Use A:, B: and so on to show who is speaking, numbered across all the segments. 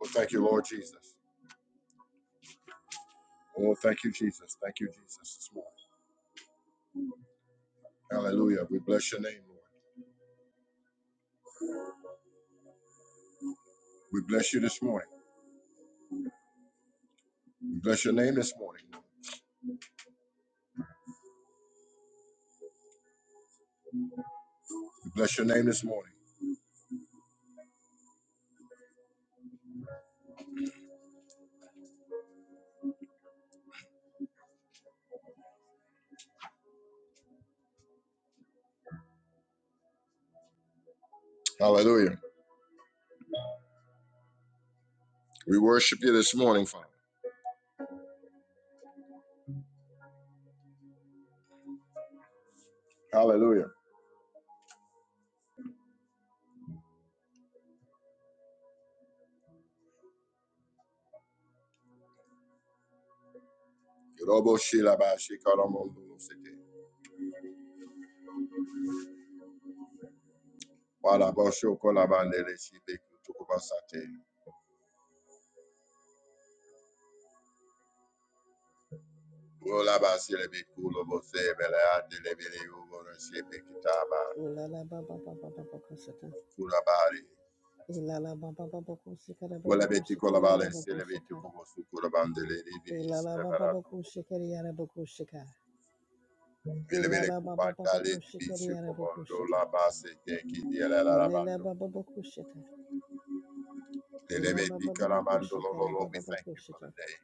A: Well, thank you, Lord Jesus. Oh, thank you, Jesus. Thank you, Jesus, this morning. Hallelujah. We bless your name, Lord. We bless you this morning. We bless your name this morning. We bless your name this morning. Hallelujah. We worship you this morning, Father. Hallelujah. Yodobo shilaba shikaramondo sete. Wadabo shokolabandele shibeku tukubasate. Ulaba silebe kulobo sebele adele ubora shibekitaba.
B: Ola la ba ba ba ba ba ba kusita.
A: Kulabari.
B: Ila la ba ba ba ba kusika la ba ba
A: Vole veti
B: kusika la la
A: vale
B: ba
A: se le veti
B: kusita.
A: como su kura le di
B: Ila
A: si
B: la
A: le
B: ba ba ba kusika la la ba kusika.
A: Vele
B: Ila
A: vele
B: la ba ba ba
A: kupata
B: ba
A: le di
B: kusika
A: bici
B: la la ba
A: comando
B: kusita.
A: la base te ki di la la la
B: Ila la
A: bando.
B: ba ba ba kusita. Ila ba ba ba ba
A: lo
B: kusika
A: lo
B: la
A: lo.
B: ba
A: We
B: ba ba
A: thank you for the
B: kusita.
A: day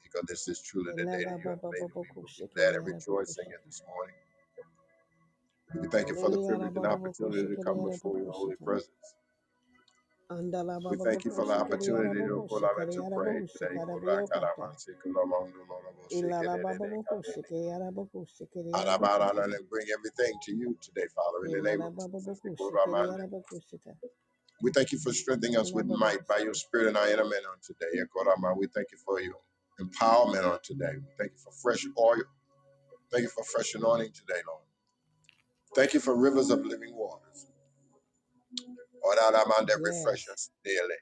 A: because this is truly the
B: Ila
A: day
B: la
A: that you
B: ba
A: have
B: ba ba
A: made and
B: ba
A: we will be
B: kusika
A: glad and
B: la la ba
A: rejoicing in
B: kusita.
A: this morning. We thank you for the
B: Lele la
A: privilege
B: ba
A: and
B: ba ba
A: opportunity to
B: kusika
A: come
B: la la ba
A: before your holy
B: kusita.
A: presence.
B: Andala ba
A: We
B: ba ba
A: thank you for the
B: kusika la la
A: opportunity
B: ba
A: to call
B: kusika
A: to
B: la la ba
A: pray today.
B: kusika la ba yokata. baba baba bokushi Kayana bokushi Kayana bokushita.
A: And bring everything to you today, Father, in the name
B: Ilala
A: of
B: Baba
A: Jesus.
B: bokushi yarabakushikiri yarabakushita.
A: We thank you for strengthening
B: Ilalabababakushikiri
A: us with
B: yarabakushita.
A: might by your
B: bokushita.
A: spirit and our inner man on today. We thank you for your empowerment on today. We thank you for fresh oil. Thank you for fresh anointing today, Lord. Thank you for rivers of living waters. That refresh
B: Yes.
A: us daily.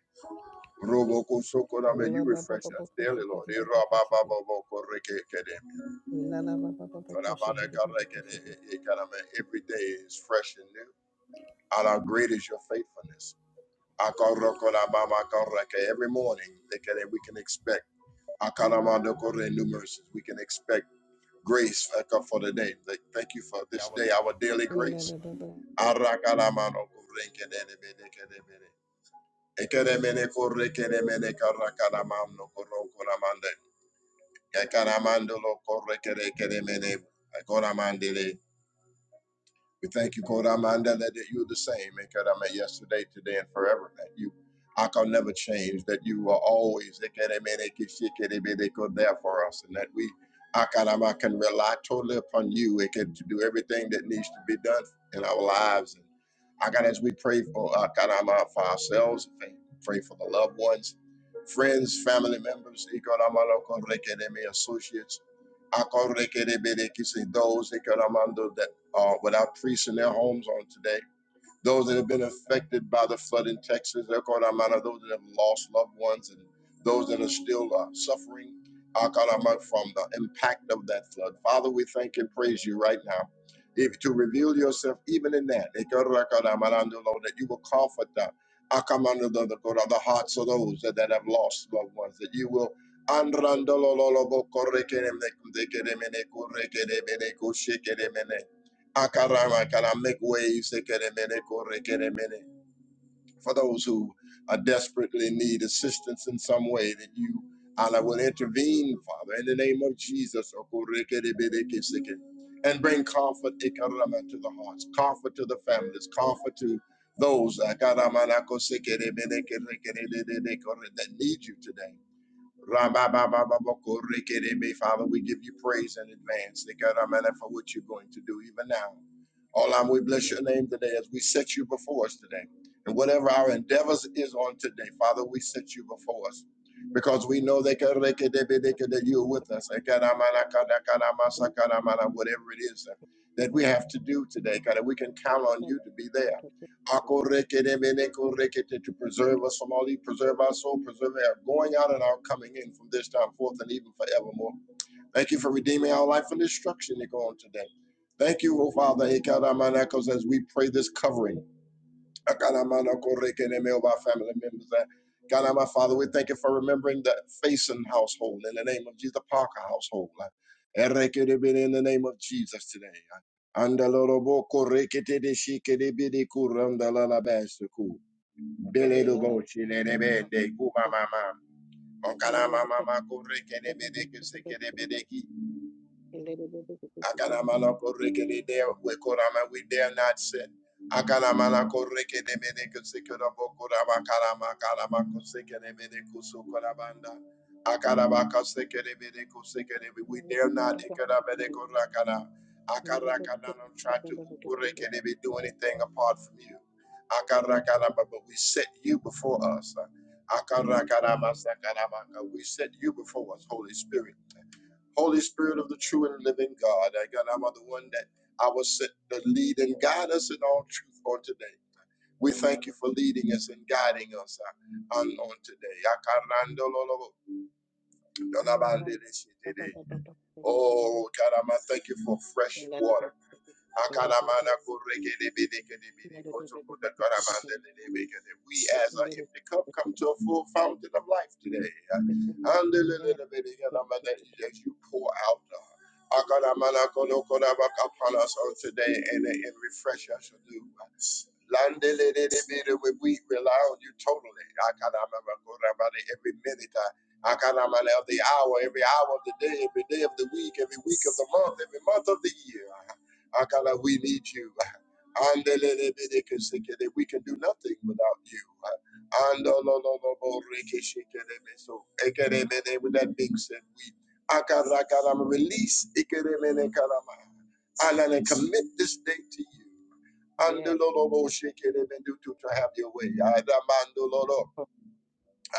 A: Robokosokorame, You
B: baba
A: refresh
B: baba
A: us daily,
B: bokushi
A: Lord. Eh,
B: Kayana
A: rabababokorekekedemi.
B: Bokushita. Ilala Baba bokushi Kayana bokushita.
A: Tadabadakarekede, ekarame. Every day is fresh and new. Allah, great is your faithfulness. Akorokorabamakoreke. Every morning ekede, we can expect akaramadokore, new mercies. We can expect grace aka, for the day. Like, Thank you for this day, our daily grace. Arakaramadokore, ekedebede. Ekedemene korekedemene karakaramanokorokoramande. Yakaramandolo corre kere kere mene. Akoramandele. We thank you, Kodamanda, that you're the same, and Kodama, yesterday, today, and forever, that you Akon never change, that you are always Ekeremene, Kishikeremene, Kod there for us, and that we Akarama can rely totally upon you and can to do everything that needs to be done in our lives. And I got as we pray for Akarama for ourselves, pray for the loved ones, friends, family members, Ikorama, Lokon, Rekereme, associates, those uh, without priests in their homes on today. Those that have been affected by the flood in Texas, El Calamana, those that have lost loved ones, and those that are still uh, suffering Akarama, from the impact of that flood. Father, we thank and praise you right now. If to reveal yourself even in that, El Calamana, Lord, that you will comfort the El Calamana, the the- hearts of those that, that have lost loved ones, that you will and randolololobo correkerem de- Akarama, make waves. Ekeremene, korekeremene. For those who are desperately need assistance in some way, that you, Allah, will intervene, Father, in the name of Jesus. Okorekerebene, keseke. And bring comfort Ekarama, to the hearts, comfort to the families, comfort to those Akarama, nakosekerebene, kerekerebene, kore- that need you today. Rabba-ba-ba-ba-ba-ko-re-ke-de-be. Father, we give you praise in advance, God, Amen, for what you're going to do even now. All I we bless your name today as we set you before us today. And whatever our endeavors is on today, Father, we set you before us. Because we know that God, re-ke-de-be, de-ke, that you're with us. Eh, God, Amen, ah, God, ah, God, Amen, ah, God, Amen, ah, whatever it is eh, that we have to do today, God, that we can count on you to be there. Hakorekerebenekorekete, To preserve us from all evil, preserve our soul, preserve our going out and our coming in from this time forth and even forevermore. Thank you for redeeming our life from destruction, Nick, on today. Thank you, O Father, Ekadamanakos, as we pray this covering. Akanamana korekene me of our family members. Uh, God, our Father, we thank you for remembering the Faison household in the name of Jesus, the Parker household. Uh, Erekedebede In the name of Jesus today. Uh, Andalorobo korekete de shikedebede kurandalalabaseku. Beledobo chilenebende kumamama. Okanamamama korekedebede
B: Ulabababakushikiri babakushita.
A: kusekedebede
B: Ilalabababakushikiri baba.
A: Akalamala korekede de wekorama we dare not sit. Akalamala korekede mene kusekura bokurama kalama kalama kusekede mene kusukurabanda. Akarabaka sekede mene kusekede we we dare not ikara mene kurakana. Akarakana don't try to ukurekede we do anything apart from you. Akarakana but but we set you before us. Akarakana masakarabaka we set you before us Holy Spirit. Holy Spirit of the true and living God. I God, I'm the one that I was set to lead and guide us in all truth on today. We thank you for leading us and guiding us uh, on, on today.
B: Ilalababa.
A: Oh, God, I'm, I thank you for fresh water. Akalamana kurekede bedekede bedekoto kutakaramandele debekede. We as I if the cup come to a full fountain of life today. Andelele
B: Yeah,
A: bedekelamana, As you pour out uh, Akalamana kolokorabaka upon us on today and, and refresh us anew. Landele debede, We we rely on you totally. Akalamana korabana, Every minute uh, Akalamana of the hour, every hour of the day, every day of the week, every week of the month, every month of the year. Akala, we need you. Andelelebedekeseke, We can do nothing without you. Andolololoborekeshekerebeso. Ekeremene, With that being said, we akarakarama, release ikeremenekarama, and I commit this day to you.
B: yeah.
A: Andololoboshekerebedu, To to have your way. Adamandololo.
B: Oh,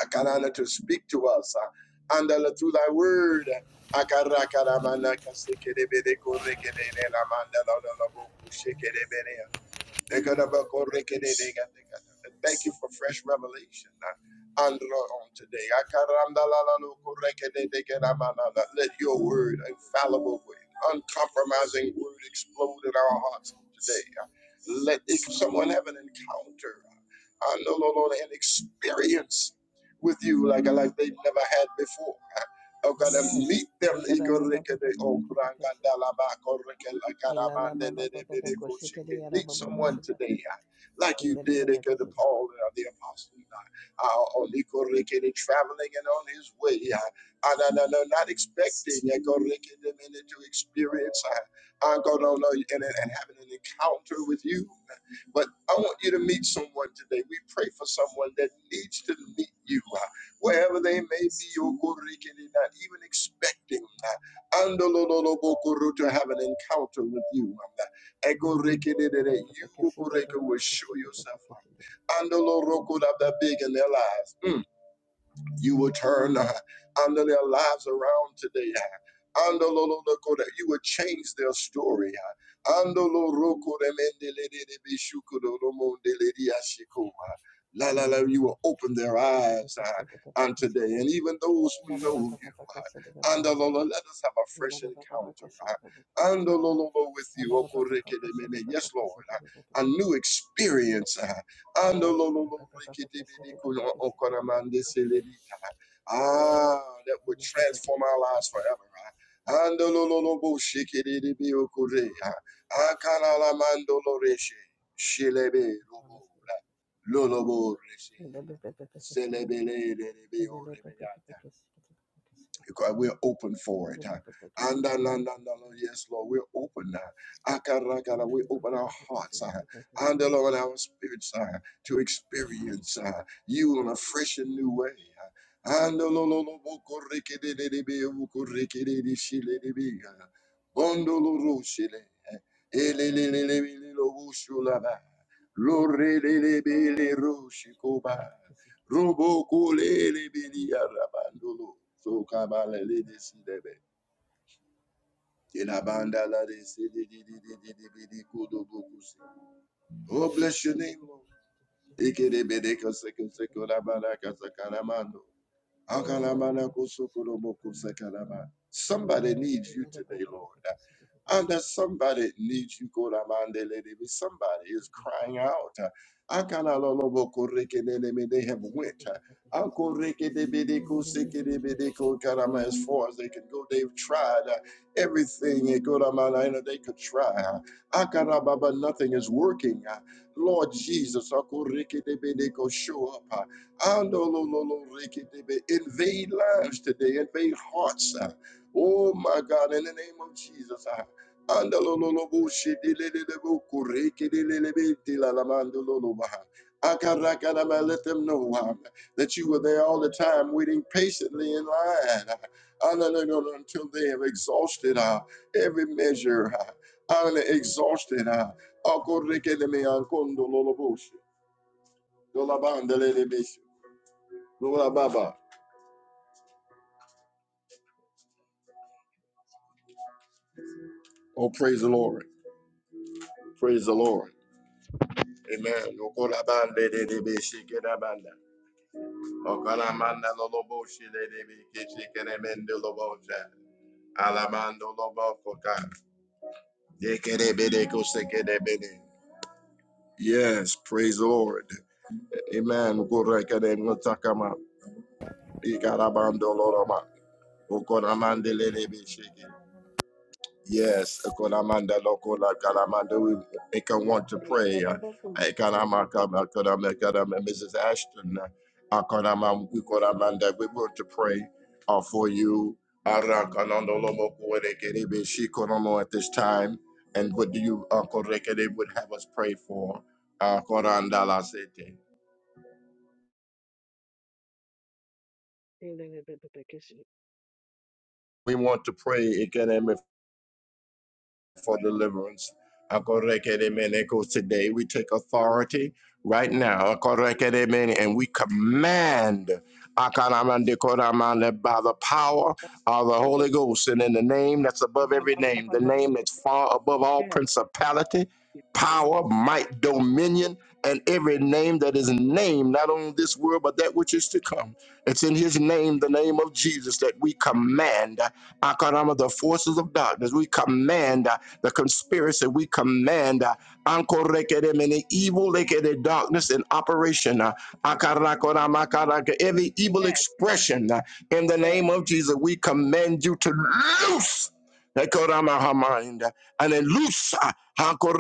A: Akarana to speak to us. uh, And uh, through thy word, Akarakaramana kasekerebede korekedele la la la boku shekerebede. Thank you for fresh revelation. uh, Andro on today. Let your word, infallible word, uncompromising word explode in our hearts today. uh, Let if someone have an encounter, uh, andololo, an experience with you like, like they've never had before. Oh God, and
B: Yes.
A: meet them.
B: Shala ba ba ba
A: Ikorekede,
B: ba ba ba
A: oh,
B: ba ba ba si.
A: kurangandalaba, korekela,
B: Ila la
A: karamande,
B: ba ba ba ba ba
A: dedebede,
B: ko si ke de
A: kochike.
B: ya ra
A: Meet
B: ba ba ko
A: someone
B: si da.
A: today uh, like you
B: Ila de ba
A: did
B: ba ke
A: ikede,
B: si da.
A: Paul uh, the apostle. uh, uh, on ikorekede, Traveling and on his way. uh, uh, no, no, no, Not expecting ikorekede, minute to experience uh, uh, God, oh, no, and and having an encounter with you. But I want you to meet someone today. We pray for someone that needs to meet you. huh? wherever they may be, Okorikiri, not even expecting uh, Andololobokoro to have an encounter with you. um, Ekorikiri, That
B: Ba ba
A: you
B: ke si da ba ba
A: Okorika,
B: ba
A: will
B: ke
A: show
B: si da ba ba
A: yourself
B: ke si da.
A: up. Andoloroko, that that big
B: Ila
A: in their lives. Mm. You will turn uh, under their lives around today. uh, Under lo- lo- lo- ko- that you will change their story. uh, Under lo- ro- ko- de- men- de- le- de- de- be- shu- ko- do- do- mo- de- le- di- ah, uh, La la la, you will open their
B: ba ba ba
A: eyes
B: ke
A: uh,
B: si da ba ba
A: on
B: ke si
A: today,
B: da.
A: and even those
B: Ila
A: who
B: de ba ba
A: know
B: ba
A: you.
B: ba ke si da ba
A: uh,
B: ba
A: Under
B: ke
A: lo-
B: si
A: lo-
B: da.
A: let us have a
B: Ila
A: fresh
B: de ba ba ba ke
A: encounter.
B: si da ba ba ke
A: uh,
B: si da. Ila de ba ba ba ke si da ba ba ke si da ba
A: Under lo- lo- lo with you, Oko- reke- de- mene.
B: ba
A: yes, Lord,
B: ke
A: uh, a
B: si da.
A: new experience. uh, Ando lo
B: Yes.
A: lo
B: Ba ba
A: lo
B: ba ba ba
A: rikiti
B: ke si
A: bidi
B: da ba ba
A: kuyo
B: ke si da
A: okora
B: ba ba ke
A: mande
B: si da.
A: selerita. Ah, that would
B: Ila
A: transform our lives forever. ah. Ando lo lo lo bo shikiri di bi okure. ah. Akala la mando lo reshe. Shilebe lo bo. la. Lo lo bo reshe.
B: Baba
A: Selebele de bi o because we're open for it. huh? And uh, la, la, la, la, yes, Lord, we're open now. Akarakara, we open our hearts uh, and the Lord our spirits uh, to experience uh, you in a fresh and new way. uh. And the Lord, Lord, Lord, wokorikidididi, wokorikididi, uh, uh, Robo kule lebeli arabandolo. So kabala le desidebe. Inabanda la desidi di di di di di di di kudo bukusi. Oh, bless your name, Lord. Ike de bede kase kase kora baraka sakaramando. Somebody needs you today, Lord. And that somebody needs you, Koramandelelebe. somebody is crying out. Akalalolobokorekeneleme. They have went. Akorekedebedekosikedebedekokaraman. As far as they can go, they've tried uh, everything eh, Koramana, they could try. Akarababa, nothing is working. Uh, Lord Jesus, show up. Andolololorikidebe. Invade lives today, invade hearts. uh. Oh my God, in the name of Jesus. uh. Andolololoboshidilelelebokorikidilelebedilalamandololobaha. Akarakadama, Let them know uh, that you were there all the time, waiting patiently in line uh, until they have exhausted uh, every measure. uh, and Exhausted. uh, Akorikideme, Ankondololoboshi, Dolabandelelebesi. Oh, praise the Lord. Praise the Lord. Amen. ja. Yes, praise the Lord. Amen. no Yes, Ekolamanda Lokola Kalamanda, we make her want to pray. Uh, Ekalama Kama Kodama Kadama, Mrs. Ashton, uh, Akonama Ukolamanda, we want to pray uh, for you. Arakanando Lomo Kuwerekerebe Shikonomo At this time, and what do you, Uncle Rekere, would have us pray for? Uh, Korandala Sete. We want to pray. again for deliverance. Akorekedemene, Today we take authority right now akorekedemene, and we command akaramandikoramane, by the power of the Holy Ghost and in the name that's above every name, the name that's far above all
B: Yes.
A: principality, power,
B: Yes.
A: might, dominion, and every name that is named, not only this world, but that which is to come. It's in his name, the name of Jesus, that we command Akarama, the forces of darkness. We command the conspiracy. We command uh, anko rekere mene evil rekere darkness in operation. uh, akarakora makaraka, Every evil
B: Yes.
A: expression uh, in the
B: Yes.
A: name of Jesus, we command you to loose. Ekorama hamind, uh, And then loose, uh, anko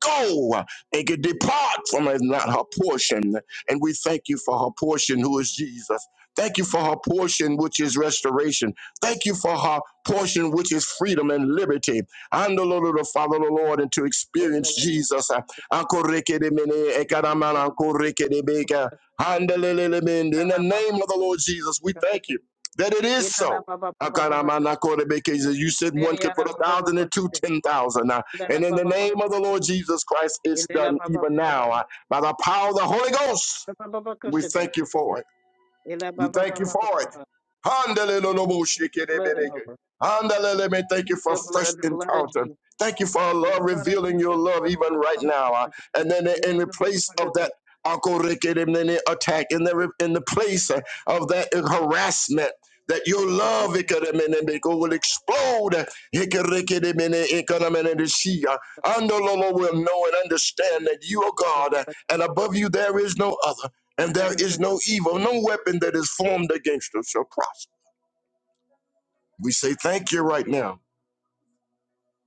A: go uh, and get depart from her, not her portion. And we thank you for her portion, who is Jesus. Thank you for her portion, which is restoration. Thank you for her portion, which is freedom and liberty and the Lord to follow the Lord and to
B: Plead
A: experience Jesus. Uh, Akorekedemene, ekaramana, akorekedebeka, handelelelemende. In the name of the Lord Jesus, we thank you that it is so. Akaramana, akorebeke. You said one could put a thousand and two, ten thousand. Uh, And in the name of the Lord Jesus Christ, it's done even now uh, by the power of the Holy Ghost. We thank you for it. We thank you for it.
B: your blood,
A: Handeleloloboshikerebedeke.
B: Lord.
A: Handelele, may Thank you
B: Plead
A: for
B: your
A: fresh
B: blood, the blood of
A: encounter.
B: Jesus,
A: Thank you for our
B: the
A: love,
B: blood of
A: revealing your
B: Jesus.
A: love even right now. uh, And then in the place of that akorekeremene attack, in the, in the place uh, of that harassment, that your love ikeremenebeko, will explode. Hikerekeremene ikeremenedeshia. Andololo will know and understand that you are God, uh, and above you there is no other and there is no
B: Yes.
A: evil, no weapon that is formed against us shall prosper. We say thank you right now.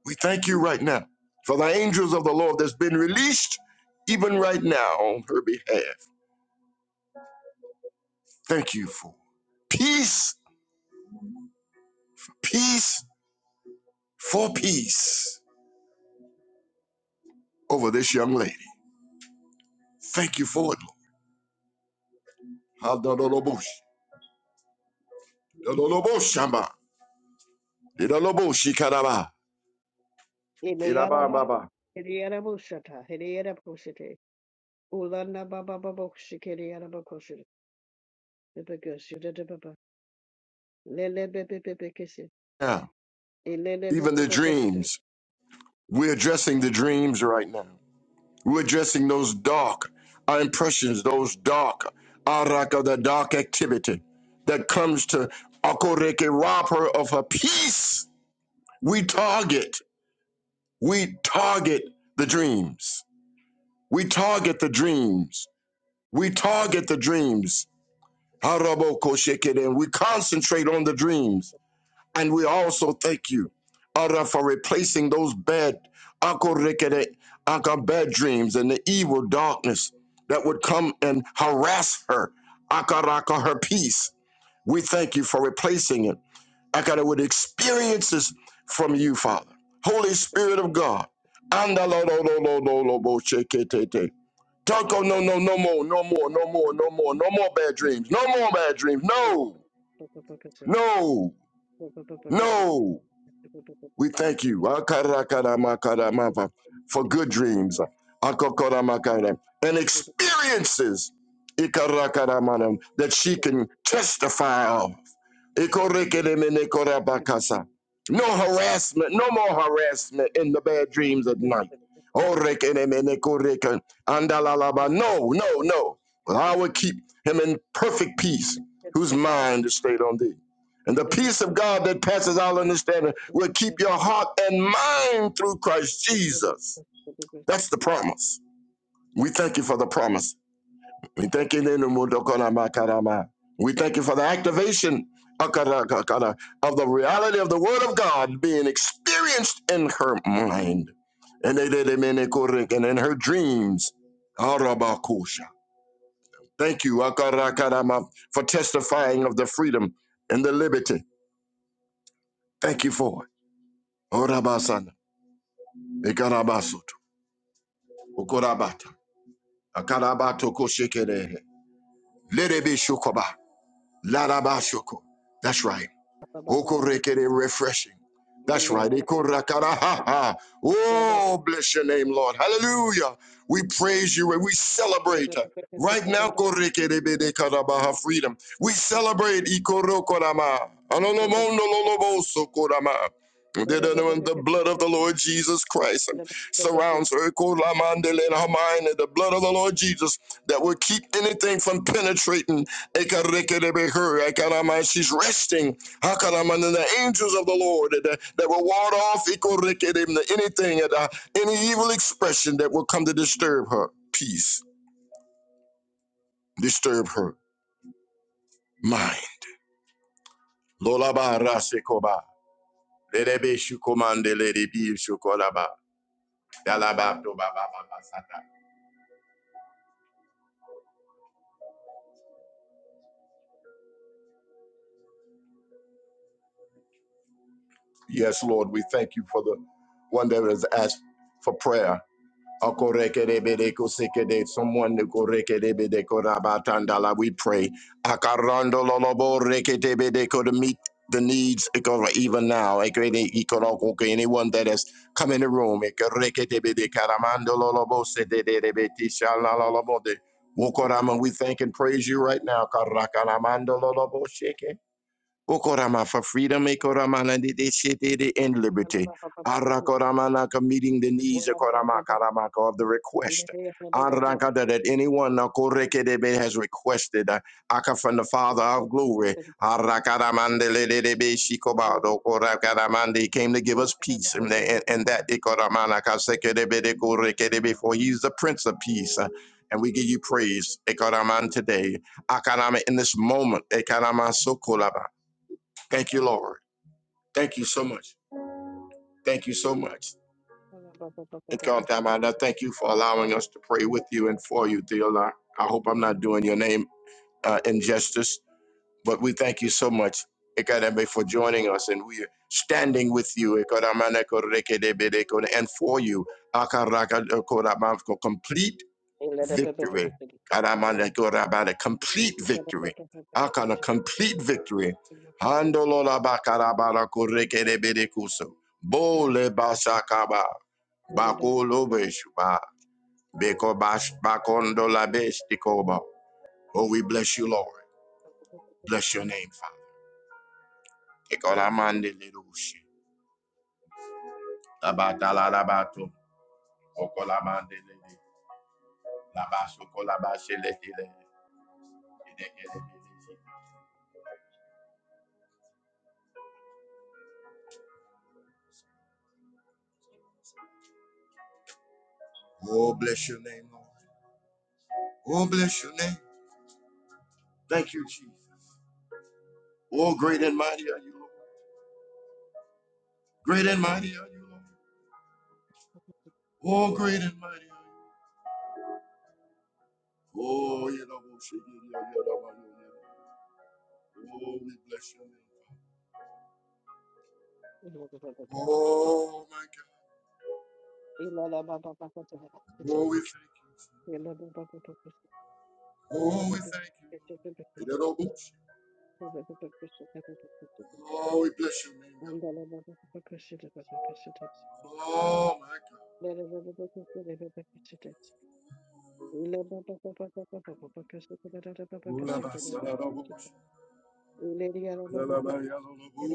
A: We thank you right now for the angels of the Lord that's been released even right now on her behalf. Thank you for peace, peace for peace over this young lady. Thank you for it, Lord. Hadadolobosh, dadoloboshamba, didaloboshikadaba,
B: Iliyana baba,
A: didabababa.
B: Iliyana bushata, Iliyana bushite, Ulana baba baba shikiriyana bakoshite, Ibagoshite de baba, Lele bebe bebe kisi,
A: Yeah,
B: Ilele bebe
A: even the
B: bebe kisi de.
A: dreams. We're addressing the dreams right now. We're addressing those dark, our impressions, those dark, araka, the dark activity that comes to akoreke, rob her of her peace. We target, we target the dreams. We target the dreams. We target the dreams. Haraboko shekere, And we concentrate on the dreams. And we also thank you, Ara, for replacing those bad, akorekere, aka bad dreams and the evil darkness that would come and harass her, akaraka, her peace. We thank you for replacing it, akara, with experiences from you, Father. Holy Spirit of God. Andalololololoboshetetete. Toko, no, no, no more, no more, no more, no more, no more bad dreams, no more bad dreams, no, no, no. We thank you Akarakaramakaramava, for good dreams Akokoramakara, and experiences Ikarakaramana, that she can testify of. Ikorekedemenekorabakasa. No harassment, no more harassment in the bad dreams at night. Orekedemenekoreke- Andalalaba. No, no, no. But I will keep him in perfect peace, whose mind is stayed on thee. And the peace of God that passes all understanding will keep your heart and mind through Christ Jesus. That's the promise. We thank you for the promise. We thank you in the Mundo Karama. We thank you for the activation Akara, Akara, of the reality of the Word of God being experienced in her mind and they did him in a correct- and in her dreams. Arabakusha. Thank you Akara, Karama, for testifying of the freedom and the liberty. Thank you for it. Orabasana, Ikarabasoto, Okorabata, Akarabato Koshikerehe, Lerebe Shokoba, Larabashoko. That's right.
B: Thank
A: Okorekere refreshing. That's right. Ekorakarahaha. Oh, bless your name, Lord. Hallelujah. We praise you and we celebrate. Right now, korekerebedekarabaha, freedom. We celebrate. ikorokorama. Anonomonololobosokorama. The blood of the Lord Jesus Christ surrounds her. Ekoramandelena mine, The blood of the Lord Jesus that will keep anything from penetrating. Ekarekerebe her. Ekarama. She's resting Hakalaman and the angels of the Lord uh, that, that will ward off Ikorekedim, the- anything and uh, any evil expression that will come to disturb her peace, disturb her mind. Lolaba rasekoba. Lelebe shukomande ledebi shukolaba. Dalaba tobaba babasata. Yes, Lord, we thank you for the one that has asked for prayer. Akorekerebedekosekede, Someone nikorekerebedekorabatandala, we pray. Akarandololoboreketebedeko To meet the needs ikora, even now. Ekede ikorokoko, Anyone that has come in the room. ikoreketebedekaramandololobosedededebetishalalolobode. Wokorama, We thank and praise you right now. Karakaramandololobosheke. Okorama for freedom, Ekoramana de de shete de in liberty. Arakoramanaka meeting the needs Okorama Karamaka of the request. Arakada that anyone Nakorekedebe has requested uh, Aka from the Father of glory. Arakaramandelebe Shikobado Okorakaramande came to give us peace and, and, and that Ekoramanaka Sekedebe de Korekedebe for he is the Prince of Peace. uh, And we give you praise, Ekoraman today. Akanama in this moment, Ekanama Thank you, Lord. Thank you so much. Thank you so much. It's gone I thank you for allowing us to pray with you and for you, dear Lord. I hope I'm not doing your name uh, injustice, but we thank you so much, Ekadebe, for joining us, and we are standing with you, Ekadamana Korekedebede, and for you, Akaraka Korabamko, complete victory. God, I'm on that God, I'm about a complete victory. I got a complete victory. Handololabakarabarakurikedebedekuso.
B: you.
A: Bolebashakaba.
B: Thank
A: Bakolobeshba. Bekobash- bakondolabestikoba. Oh, we bless you, Lord. Bless your name, Father. Ekolamandelerushi. Labatalalabato. Okolamandelele. Labasokolabaseletele. Oh, bless your name, Lord. Oh, bless your name. Thank you, Jesus. Oh, great and mighty are you, Lord. Great and mighty are you, Lord. Oh, great and mighty are you. Oh, you know, Oh, we bless your name. Father. Oh, my God. Oh, we thank you. Jesus. Oh, we thank you, Lord. Oh, we bless your name, God. Oh, my God. Oh, la ba sa la la bo shi. La la ba ya la la bo.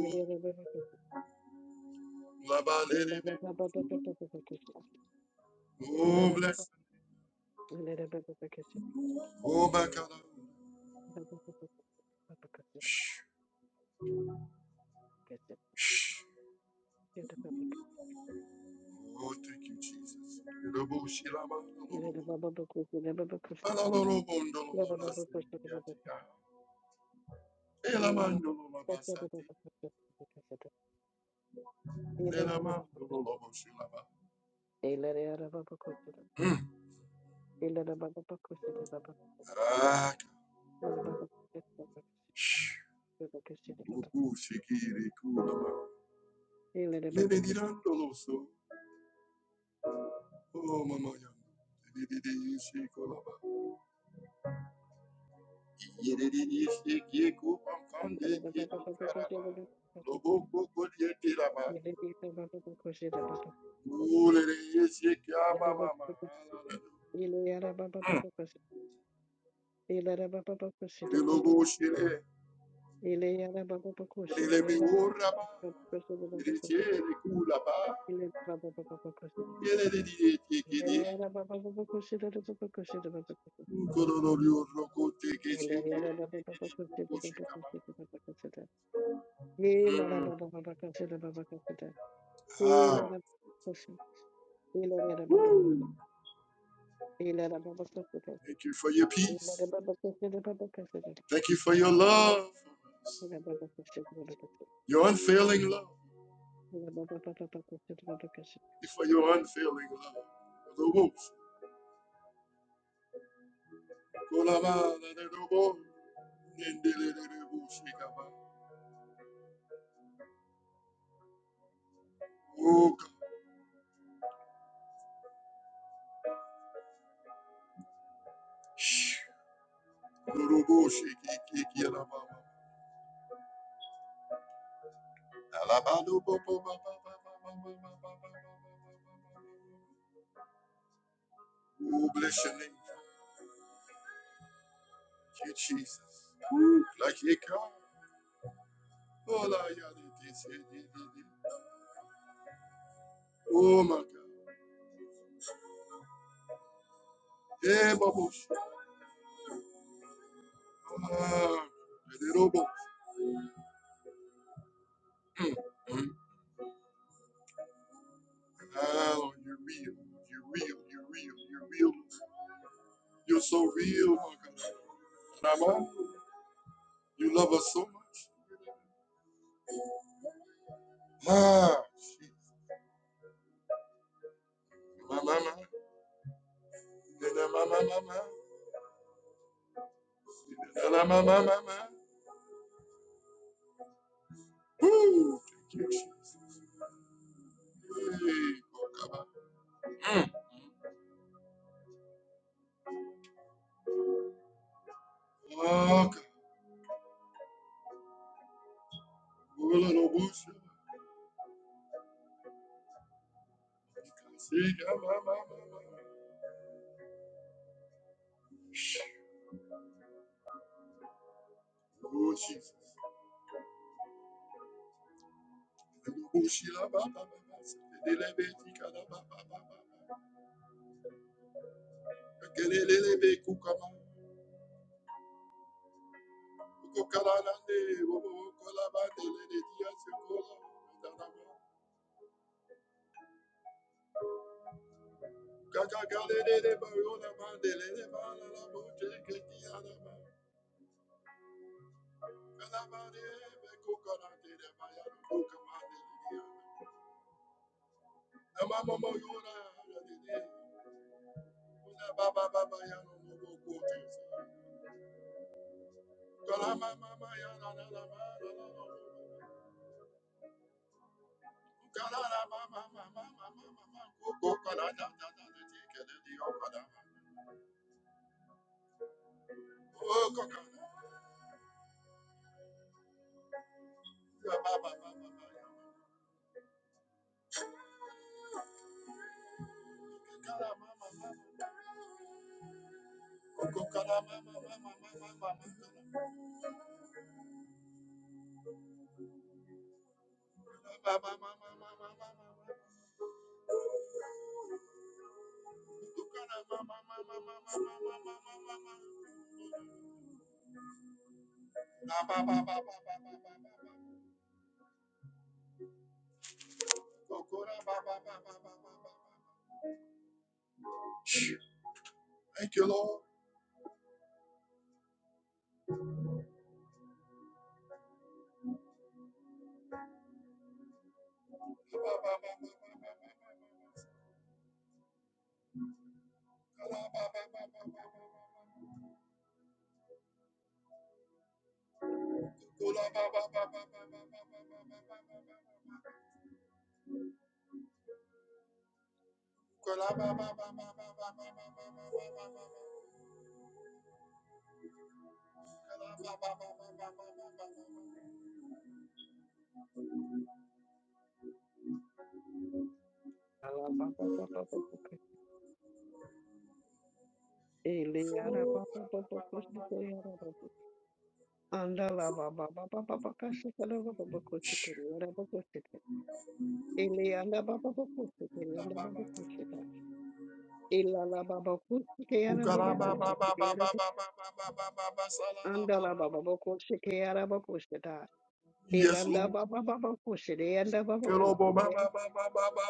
A: Oh, La ba le le be. Oh, bless. Oh, my God.
B: Thank you.
A: Oh, thank you, Jesus. Robo-shilabandololobo. Alalorobondololabasiliyatika. Elamandololabasati. Elamandololoboshilaba. Mm. Ah, shh. Uku-shikirikulaba. Mebedirandoloso. Oh, mama yama. Didididiyishikolaba. Yedididiyishikikupamkandiyikaraba. Lobokokolyetiraba. Ulereyishikabamama. Mm.
B: Ilara baba baba koşuyor baba baba.
A: Eleloboshele,
B: İle yara baba baba koşuyor yara baba
A: elelebiworaba,
B: baba koşuyor baba baba koşuyor.
A: elecherekulaba,
B: İle baba baba baba koşuyor.
A: elelediyetekele,
B: İle yara baba baba koşuyor baba baba koşuyor baba koşuyor. İle
A: nkolololiorokotekesheke,
B: baba baba koşuyor baba
A: ekelebokoshekaba.
B: koşuyor baba koşuyor. İlara
A: Mm.
B: baba baba koşuyor baba koşuyor.
A: Ah,
B: İlara koşuyor. İlara baba koşuyor. İlara baba koşuyor.
A: thank you for your peace.
B: İlara baba koşuyor baba koşuyor.
A: Thank you for your love for us.
B: İlara baba koşuyor baba koşuyor.
A: Your unfailing love.
B: İlara
A: Thank you for your unfailing love. Elobos, kolaba, elelobos, nendeleleboshekaba. Oh God. Shh. Eloboshekekekelaba. Oh, bless your name. Thank you, Jesus. Ooh, Like you come. Oh, la, ya, di, di, si, di, di, di. Oh, my God. Hey, Babo. Ah, Mm, mm. Oh, you're real. You're real. You're real. You're real. You're so real, my God. Mama, you love us so much. Ah, she- ma, ma, ma. Na, na, ma, ma, ma, ma. Na, na, ma, ma, ma, ma. Woo. Hey. Mm. Ah, God. Well, I don't Can see, God, my, my, my, my. Oh, Jesus. I don't want you, la, ba, ba, ba, ba. Sekelele, tika, la, ba, ba, ba, ba. Sekelele, kuka, ba. Kuko, kala, la, ne. Wo, wo, wo, kola, ba, ne, le, le, dia, se, kola, da, da, ba. Kaka, kale, le, le, le, ba, yo, la, ba, ne, le, le, ba, la, la, bo, je, ke, dia, la, ba. Kala, ba, ne, be, kuka, la, ne, le, ba, ya, kuka, ba, ne, le, dia. Mama, Thank you, Lord.
B: baba baba koşuyor baba koşuyor. Ilanda Baba Baba Koshiko Yara Baba Andala Baba Baba Baba Kashika Baba Baba Koshika Yara Baba Koshika Eliana Baba Baba Koshika Yara Baba Koshika Ilala Baba Koshika Yara Baba Koshika Yara Andala Baba Baba Koshika Yara Baba Koshika
A: Yes,
B: Ilanda
A: Lord.
B: Baba Baba Koshika Yara Baba Koshika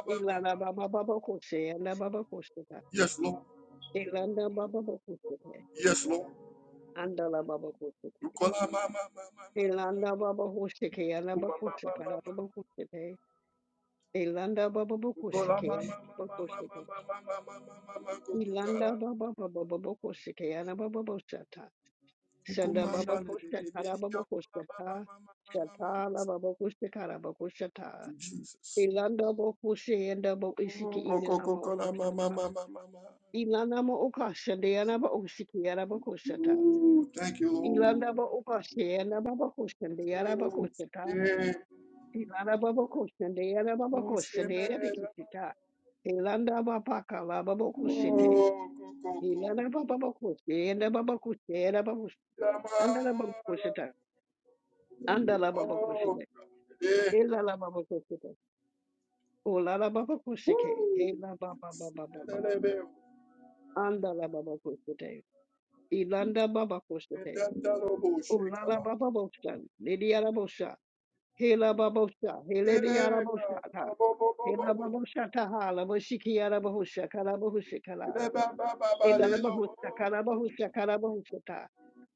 B: Ilala Baba Baba Koshika Yara Baba Koshika
A: Yes, Lord.
B: Ilanda Baba Baba Koshika
A: Yes,
B: Andala Baba Koshika Elanda baba hoşeke yana bakuşe baba bakuşe te. Elanda baba baba bakuşeke yana bakuşeke.
A: Lord.
B: Elanda baba baba baba bakuşeke yana baba bakuşata. Şanda baba
A: Ukumanda le- le-
B: bakuşe
A: le- le- le-
B: karaba
A: ya- kula-
B: bakuşe
A: ba- ba-
B: ta.
A: ma- ma- ma- ma- ma- ma.
B: baba la
A: Thank
B: baba bakuşe karaba bakuşe ta.
A: you, Jesus.
B: Elanda bakuşe yanda babu isiki
A: Oh, ko-
B: ine
A: ko-
B: ama
A: ko- ko- la- ma-
B: okuşata.
A: ma- ma- ma- ma- ma.
B: Elanda ama okaşende yana ba osiki yana bakuşata.
A: Ooh, Thank you, Lord.
B: Elanda ba okaşe yana baba bakuşende yana
A: Oh,
B: bakuşata.
A: yeah.
B: Ilanda baba kushende, ilanda baba
A: Oh,
B: kushende, ele
A: shemera.
B: bikishita. Ilanda baba kala baba kushite.
A: Oh, go, go, go.
B: Ilanda baba baba kushite, ilanda baba kushite, ilanda baba Andala baba
A: Yamara.
B: koshita, andala baba
A: Oh,
B: koshite.
A: yeah.
B: Ilala baba kushite, ulala baba koshike.
A: Woo.
B: Ila baba baba baba.
A: Elelebe.
B: Andala baba koshite. ilanda baba koshite.
A: Edandarobo
B: Ulala
A: shekaba.
B: baba bosha, lidiara bosha. Hela baba bosha, hele biara
A: Eh,
B: bosha
A: God.
B: ta.
A: Bo, bo, bo,
B: Hela
A: bo,
B: baba
A: bo.
B: bosha ta hala boshiki yara bosha kala boshikala.
A: Eleba, ba, ba, ba,
B: Ilarabahusta,
A: lelo.
B: Karabahusta, Karabahusta,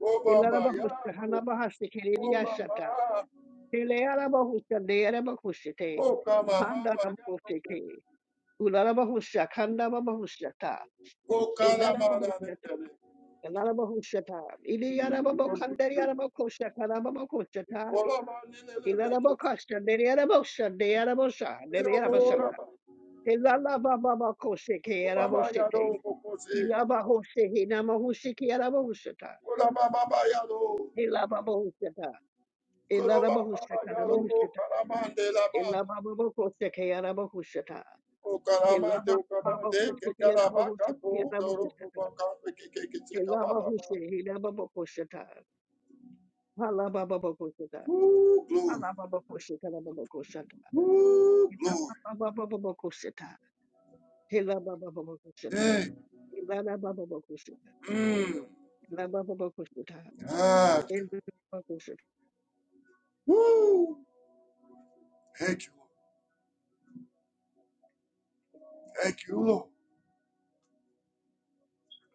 A: Oh, Baba,
B: Ilarabahusta,
A: Yano,
B: Hanabahasta,
A: Oh,
B: Kiriashata,
A: Mama,
B: Hilearabahusta, Dearabahusta,
A: Oh, Kama,
B: Handa
A: Mama, Yano,
B: Rabusta, Ularabahusta, Kandabahusta,
A: Oh, Kana, Mara,
B: Ilarabahusta,
A: Nene,
B: Ilarabahusta,
A: You produce
B: Iliarabakandaria,
A: You
B: Karabahusta,
A: call a man in the Lebeko,
B: Ilarabakasta, Deriarabusta, Dearabusta,
A: Miro,
B: Deriarabasata,
A: Rama,
B: Ilarababakosa,
A: Oh, Mama,
B: Karabusta,
A: Yano, Mokose,
B: Ilabahusta, Hinamahusta,
A: Oh, Kose, oh, Mama, Yano,
B: Karabusta,
A: Koro, Mama, Yano, Oh,
B: Elarabahushata,
A: Karamande, Lama,
B: Elamababakosekeyarabahushata,
A: Oh, Karamande, Oh, Karamande, Ke Karamaka, Oh, Loro, Oh,
B: Elamababakosekeyarabahushata,
A: Baka, Ke Ke Ke Ke Ka, Ba, Ba, Ba.
B: Elamahushe, Elamababakoshata, Halabababakoshata,
A: Ooh, glory,
B: Halababakoshekarababakoshata,
A: Ooh, glory.
B: Babababakoshata, Elamababakoshata,
A: Hey,
B: Elarababakoshata,
A: mm.
B: Elamta,
A: Ah.
B: Elarabakoshata,
A: Woo! Thank you, Lord. Thank you, Lord.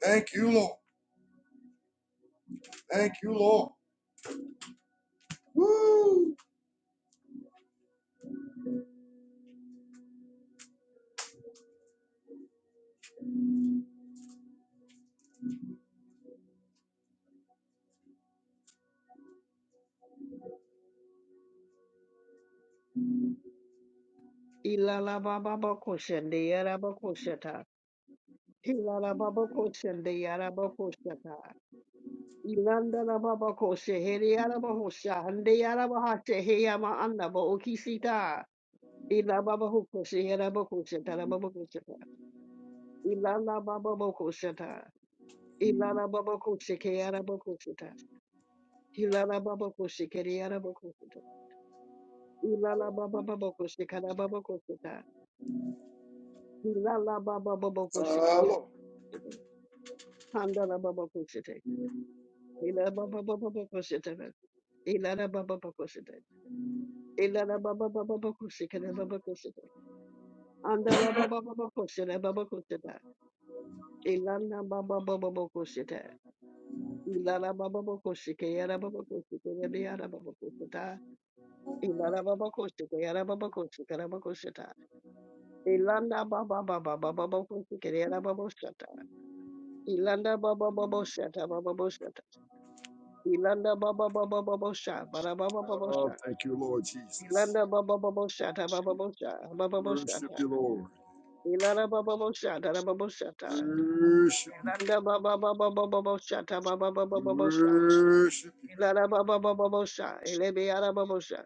A: Thank you, Lord. Thank you, Lord. Woo!
B: Elalababakoshende, Yarabakoshata, Elarababakoshende, Yarabakoshata, Inandana baba ko sheheri araba ho shahande araba ha shehe yama anna ba okisita. Ila baba ho ko shehera ba ko sheta la baba ko sheta. Ila la baba ba ko sheta. Ila la baba ko sheke araba ko sheta. Ila la baba ko shekeri araba ko sheta. Ila la baba baba ko shekara baba ko sheta. Ila la baba baba ko
A: Ah,
B: sheke.
A: Lord.
B: Handa la baba ko shete. Ila baba baba baba ko sheta. Ila la baba baba ko sheta. Ila la baba baba baba ko shekara baba ko sheta. Andala baba baba koshita baba koshita. Ilana baba baba baba koshita. Ilana baba baba koshita yara baba koshita yabi yara baba koshita. Ilana baba koshita yara baba koshita yara baba koshita. Ilana baba baba baba baba koshita yara baba koshita. Ilana baba baba koshita baba koshita. Ilana baba baba baba koshita bara baba baba
A: Ah,
B: koshita.
A: thank you, Lord Jesus.
B: Ilana baba baba koshita baba koshita baba
A: Worship
B: koshita.
A: you, Lord.
B: Ilana baba baba koshita baba koshita.
A: Worship you.
B: Ilanda ba ba ba ba ba ba ba sha ta ba ba ba ba
A: We
B: ba ba sha.
A: worship you.
B: Elanda ba ba ba ba ba sha. Elebe yara ba ba sha.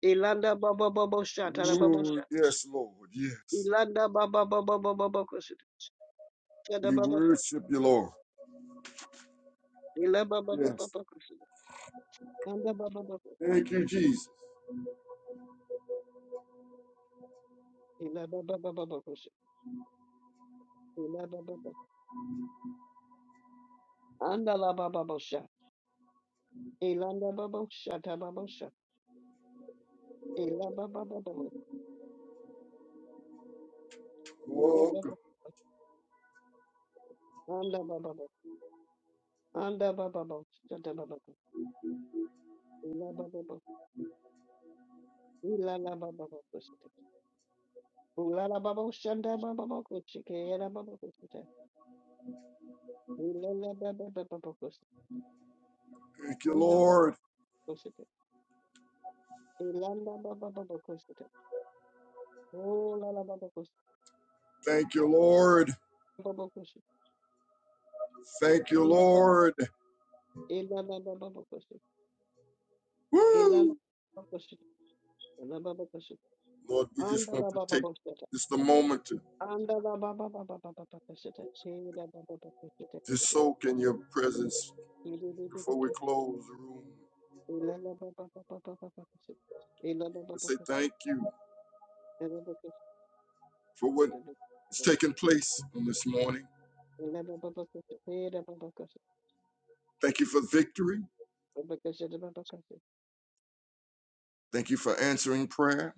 B: Elanda ba ba ba ba sha ta ba ba
A: Oh,
B: sha.
A: yes, Lord. Yes.
B: Elanda ba ba ba ba ba ba ba kusi. Sha da
A: We
B: ba ba ka.
A: worship you, Lord.
B: Ela ba ba ba ba
A: Yes.
B: ba kusi. Anda ba ba ba ba.
A: Thank you, Jesus.
B: Ela ba ba ba ba ba kusi. Ela ba ba ba. Anda la ba ba ba sha. Elanda ba ba sha ta ba ba sha. Ela ba ba ba ba ba. Ela
A: Oh,
B: ba
A: God.
B: ba. Anda ba ba ba. Anda ba ba ba sha ta ba ba ka. Ela ba ba ba. Ela la ba ba ba kusi. Ulala babo shanda babo kuchike yala babo kuchite. Ulala babo babo kuchite.
A: Thank you,
B: Anda babo
A: Lord.
B: kuchite. Ilanda babo babo kuchite. Ulala babo kuchite.
A: Thank you, Lord.
B: Babo kuchite.
A: Thank you,
B: Anda babo.
A: Lord.
B: Ilala babo kuchite. Ilala
A: Woo!
B: babo kuchite. Ilala babo kuchite.
A: Lord, we just
B: Anda
A: want
B: la
A: to
B: babo
A: take
B: kuchite.
A: just a moment to.
B: Anda la babo babo babo kuchite. Ila babo babo
A: Just
B: kuchite.
A: soak in your presence
B: Ili li li li
A: before we
B: kuchite.
A: close the room.
B: Ilala babo babo babo kuchite. Ilala
A: We
B: babo
A: say
B: kuchite.
A: thank you
B: Ilala babo
A: for what is
B: kuchite.
A: taking place on this morning.
B: Ilana baba baba koshikere yana baba koshite.
A: Thank you for victory. Thank you for answering prayer.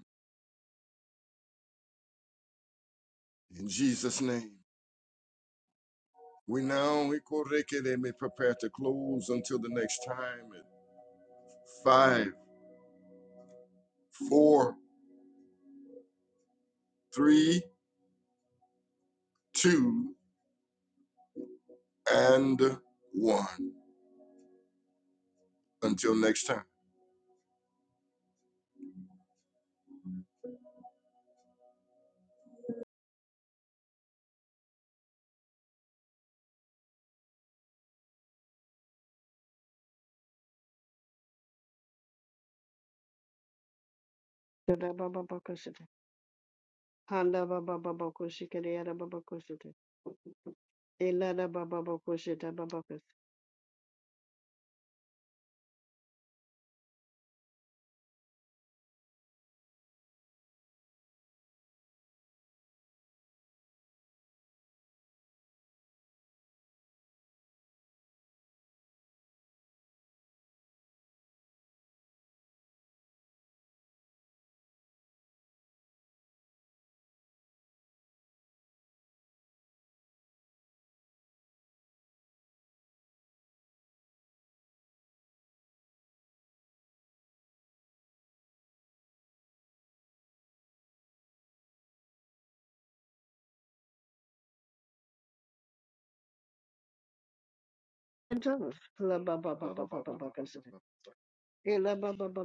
A: In Jesus' name. We now we may prepare to close until the next time at five, four, three, two, and one. Until next time.
B: Ilana baba baba koshikere yana baba koshite. Hera baba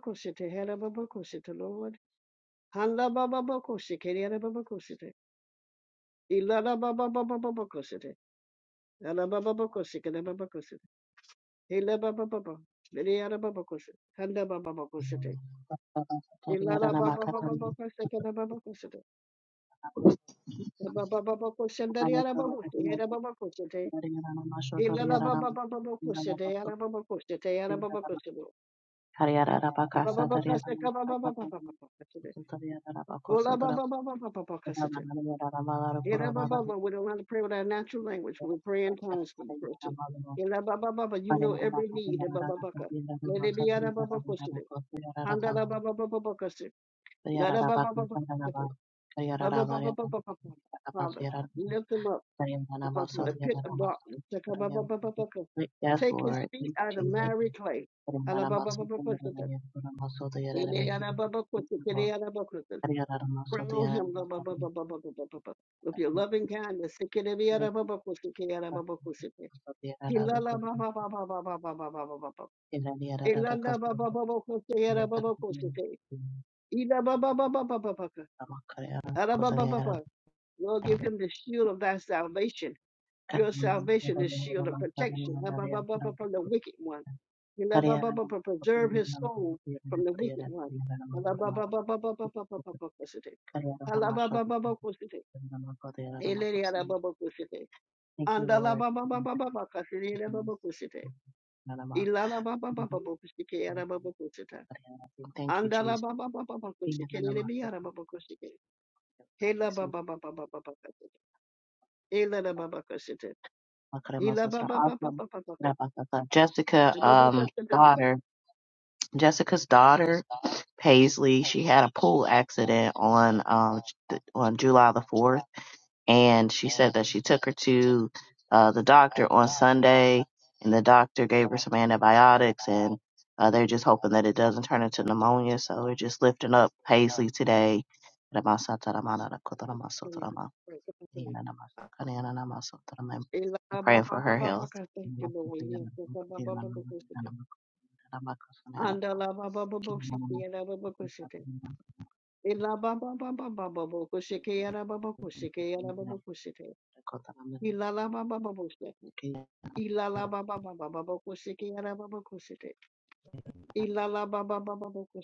B: koshite, Lord. Handa baba baba koshikere yana baba koshite. Ilana baba baba baba koshite. Ala baba bakosi, kada baba kosi. Hila baba baba. Bili ara baba kosi. Handa baba bakosi te.
C: Hariya
B: Ila la baba baba bakosi, kada baba kosi Baba baba kosi, andari ara baba kosi. Hila baba kosi te. Ila la baba baba bakosi te. Ara baba kosi te. Ara baba kosi Baba baba kosi, kaba baba baba baba kosi te. Bola baba baba baba baba kosi Hila baba baba. We don't have to pray with our natural language. We pray in tongues for the person. Hila baba baba. You know every need. Baba baba. Let it be ara baba kosi Handala Baba Baba Bokasi. Lada Baba Baba Baba Baba Baba Baba. Father, lift him up
C: Like,
B: above from the pit of darkness. Taka Baba Baba Bokasi.
C: Yes,
B: Take his
C: Lord.
B: feet
C: Thank you,
B: out of
C: Jesus.
B: miry clay.
C: Make it.
B: Ala Baba Baba Bokasi. Ele Ala Baba
C: Thank
B: Bokasi.
C: you, Lord.
B: Ele Ala Bokasi.
C: Thank you, Lord. Thank
B: Crown him Ala Baba Baba Baba Baba Baba. with your loving kindness. Seke Ele Ala Baba Bokasi. Ele Ala Baba Bokasi. He la la Baba Baba Baba Baba Baba Baba. Ele la la Baba Baba Bokasi.
C: you,
B: Ele Ala Baba Bokasi. Arabababa. Lord, give him the shield of thy salvation. Your salvation is shield of protection Arabababa, from the wicked one. Arabababa, Preserve his soul from the wicked one. Arabababababababababa, kusite.
C: Lord.
B: Arababababa, kusite.
C: Thank
B: Elele arababa, kusite.
C: you, Lord.
B: Andalabababababa, kasile arababa, kusite. Ilalababababa, kusike arababa, kusita.
C: Thank you, Jesus.
B: Andalababababa, kusike. Elele
C: I
B: bi arababa, kusike.
C: receive
B: Helabababababa, kasite. Elele bababa, kusite. Ela ba ba ba ba ba ba ba ba.
C: Awesome. Jessica,
B: The ba ba ba
C: um,
B: ba ba ba.
C: daughter, Jessica's daughter, Paisley, she had a pool accident on, um, th- on July the 4th and she said that she took her to uh, the doctor on Sunday, and the doctor gave her some antibiotics, and uh, they're just hoping that it doesn't turn into pneumonia. So we're just lifting up Paisley today.
B: Right, that's okay. Ela
C: And
B: ba ba
C: praying
B: ba
C: for
B: ba
C: her
B: ba ba
C: health.
B: Thank you, Lord. Yes, yes, ba ba ba ba ba ba Anda la ba ba ba ba shiki ela ba ba ba shite. Ela ba ba ba ba ba ba ba shiki ela ba ba ba shiki ela ba ba ba shite. Ela la ba ba ba ba Ela la ba ba ba ba ba ba shiki ela ba ba ba shite. Ela la ba ba ba ba ba ba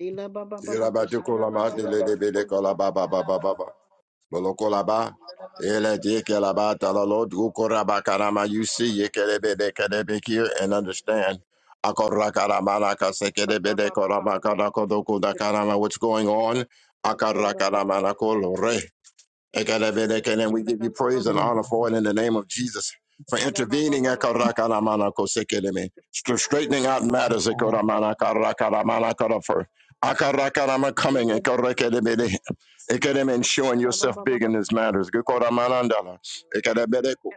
B: Ela ba ba ba ba ba shite. Ela ba
A: Bolokolaba. Ele dekelaba talalo dukoraba karama. You see, yekelebe dekelebe here and understand. Akorakaramaraka sekelebe
B: ba
A: dekorama karakodoko karama. What's going on?
B: ba ba ba.
A: Akarakaramanakolore. Ekelebeleke, And
B: Yes,
A: we give you praise and honor for it in the name of Jesus for intervening Ekarakaramanakosekeleme, str- straightening out matters Ekoramanakarakaramanakoda, for Akarakarama coming Ekorekelebele, Ekeleme, and showing yourself big in these matters. Gekoramanandala, Ekelebeleko,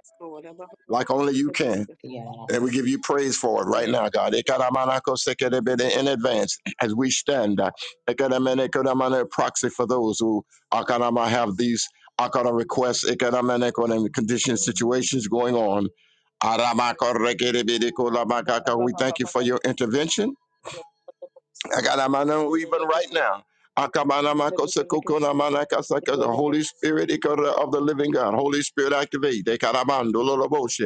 A: Like only you can.
C: Yeah.
A: And we give you praise for it right now, God. Ikaramanako Ikaramanakosikerebede In advance, as we stand, uh, ikaramanikoramane proxy for those who akarama, have these akarama requests, ikaramaneko, and conditions, situations going on. Aramako Aramakarekerebedekolamakaka. We thank you for your intervention. Akaramano, Even right now, Akamanamakosekokonamanakasaka, the Holy Spirit ikara, of the living God, Holy Spirit activate. Ikaramandololoboshe.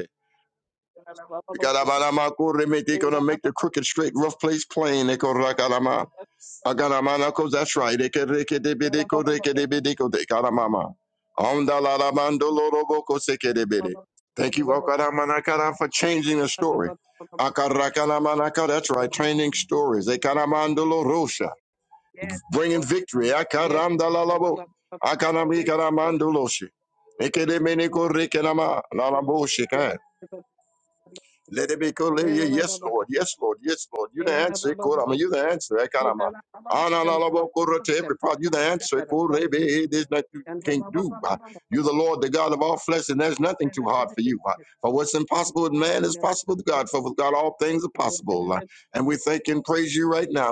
A: They're going to make the crooked straight, rough place plain. They go rakalama. Agaramanako, that's right. They can reke de bideko, reke de bideko, de karamama. Omdalalamandoloroboko seke de bide. Thank you, Wakaramanakara, for changing the story. Akarakalamanaka, that's right, training stories. Ekaramandolo rosha, bringing
B: Lord.
A: victory.
B: Yes,
A: Akaramdalalabo.
B: Lord.
A: Akaramikaramandoloshi. Ekedemeneko rekelama, lalabo
B: Yes,
A: shekan.
B: Lord.
A: Let it be cool.
B: Hela la ba
A: Yes,
B: ba ka
A: Lord.
B: se.
A: Yes, Lord. Yes, Lord. You the
B: Hela la ba
A: answer.
B: ba ba
A: Kurama.
B: ko
A: You
B: se.
A: the answer.
B: Hela
A: Ekarama.
B: la ba ba ka la ba
A: Analalabo
B: ba ka
A: kurate.
B: se.
A: Every problem. You the
B: Ka
A: answer.
B: da da ba.
A: Kurebe. There's nothing you
B: Ka da
A: can't
B: ba ba
A: do.
B: ba ba
A: Uh,
B: ba ba ba
A: You
B: ba
A: the
B: ba.
A: Lord, the God of all flesh, and there's
B: Le
A: nothing
B: le
A: too
B: le
A: hard
B: le
A: for
B: le
A: you. Uh,
B: le.
A: For what's impossible with man is
B: Le ba ka
A: possible with
B: ko
A: God. For with God, all things are
B: se. Le le
A: possible.
B: le
A: Uh,
B: le.
A: And we thank and praise you right now.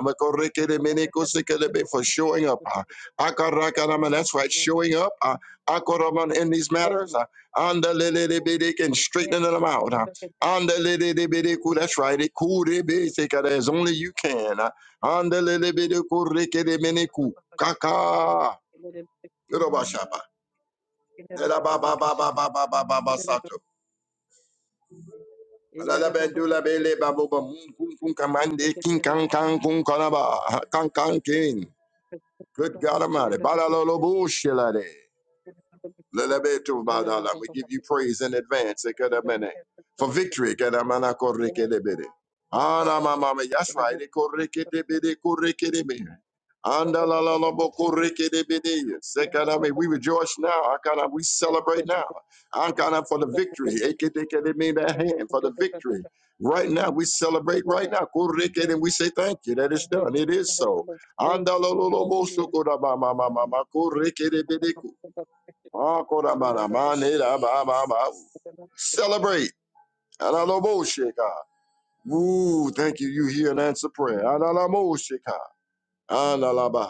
B: Ka da da da
A: Makorekeremenekosikelebe,
B: da
A: For showing up.
B: da da
A: Akarakarama. That's right.
B: da.
A: Showing up. uh, Akoraman in these
B: Yes,
A: matters.
B: Lord.
A: uh, Andalelelebedek, And
B: Yes.
A: straightening them
B: Ka
A: out.
B: da
A: Uh,
B: da da da da da.
A: Andelelebedeku, That's right. it
B: Le le le.
A: kurebeseka, As only you can.
B: Ba ba
A: Andelelebedekorekedemeneku,
B: ba ba.
A: Kaka.
B: Le le le.
A: Yorobashaba,
B: Ka da da ba ba ba ka se. Le le le. ba.
A: lelababababababababasato,
B: Hela la ba ba ba ba ka se. te. Le le
A: lalabendulabelebabobamunkunkunkamande,
B: ke te le le ya.
A: kinkankankunkanaba,
B: le.
A: kankankin.
B: le ba
A: Good
B: ba ka
A: God
B: se te. Le
A: Almighty.
B: ba ba ke se te.
A: Balalolobushilade.
B: Yes,
A: Lelebetu badala. We give you praise in advance. Ekedamene. For victory. Kedamana korekedebede. Ana
B: yes.
A: mama That's right. Ekorekedebede, korekedebe. Andalalalobo korekedebede. Sekadame. We rejoice now. Akana, We celebrate now. Akana, For the victory. Ekedekedeme, That hand for the victory. Right now, we celebrate right now. Korekede,
B: Yes,
A: And we say thank you that it's done.
B: hallelujah.
A: It is so.
B: Thank you,
A: Andalolobo
B: hallelujah.
A: sukodabamamamama, korekedebedeku.
B: Hallelujah.
A: Ah, Kodabana, Mane, Da, Ba, Ba, Ba. Celebrate. Analamo Sheka. Ooh, thank you. You hear and answer prayer. Analamo Sheka. Analaba.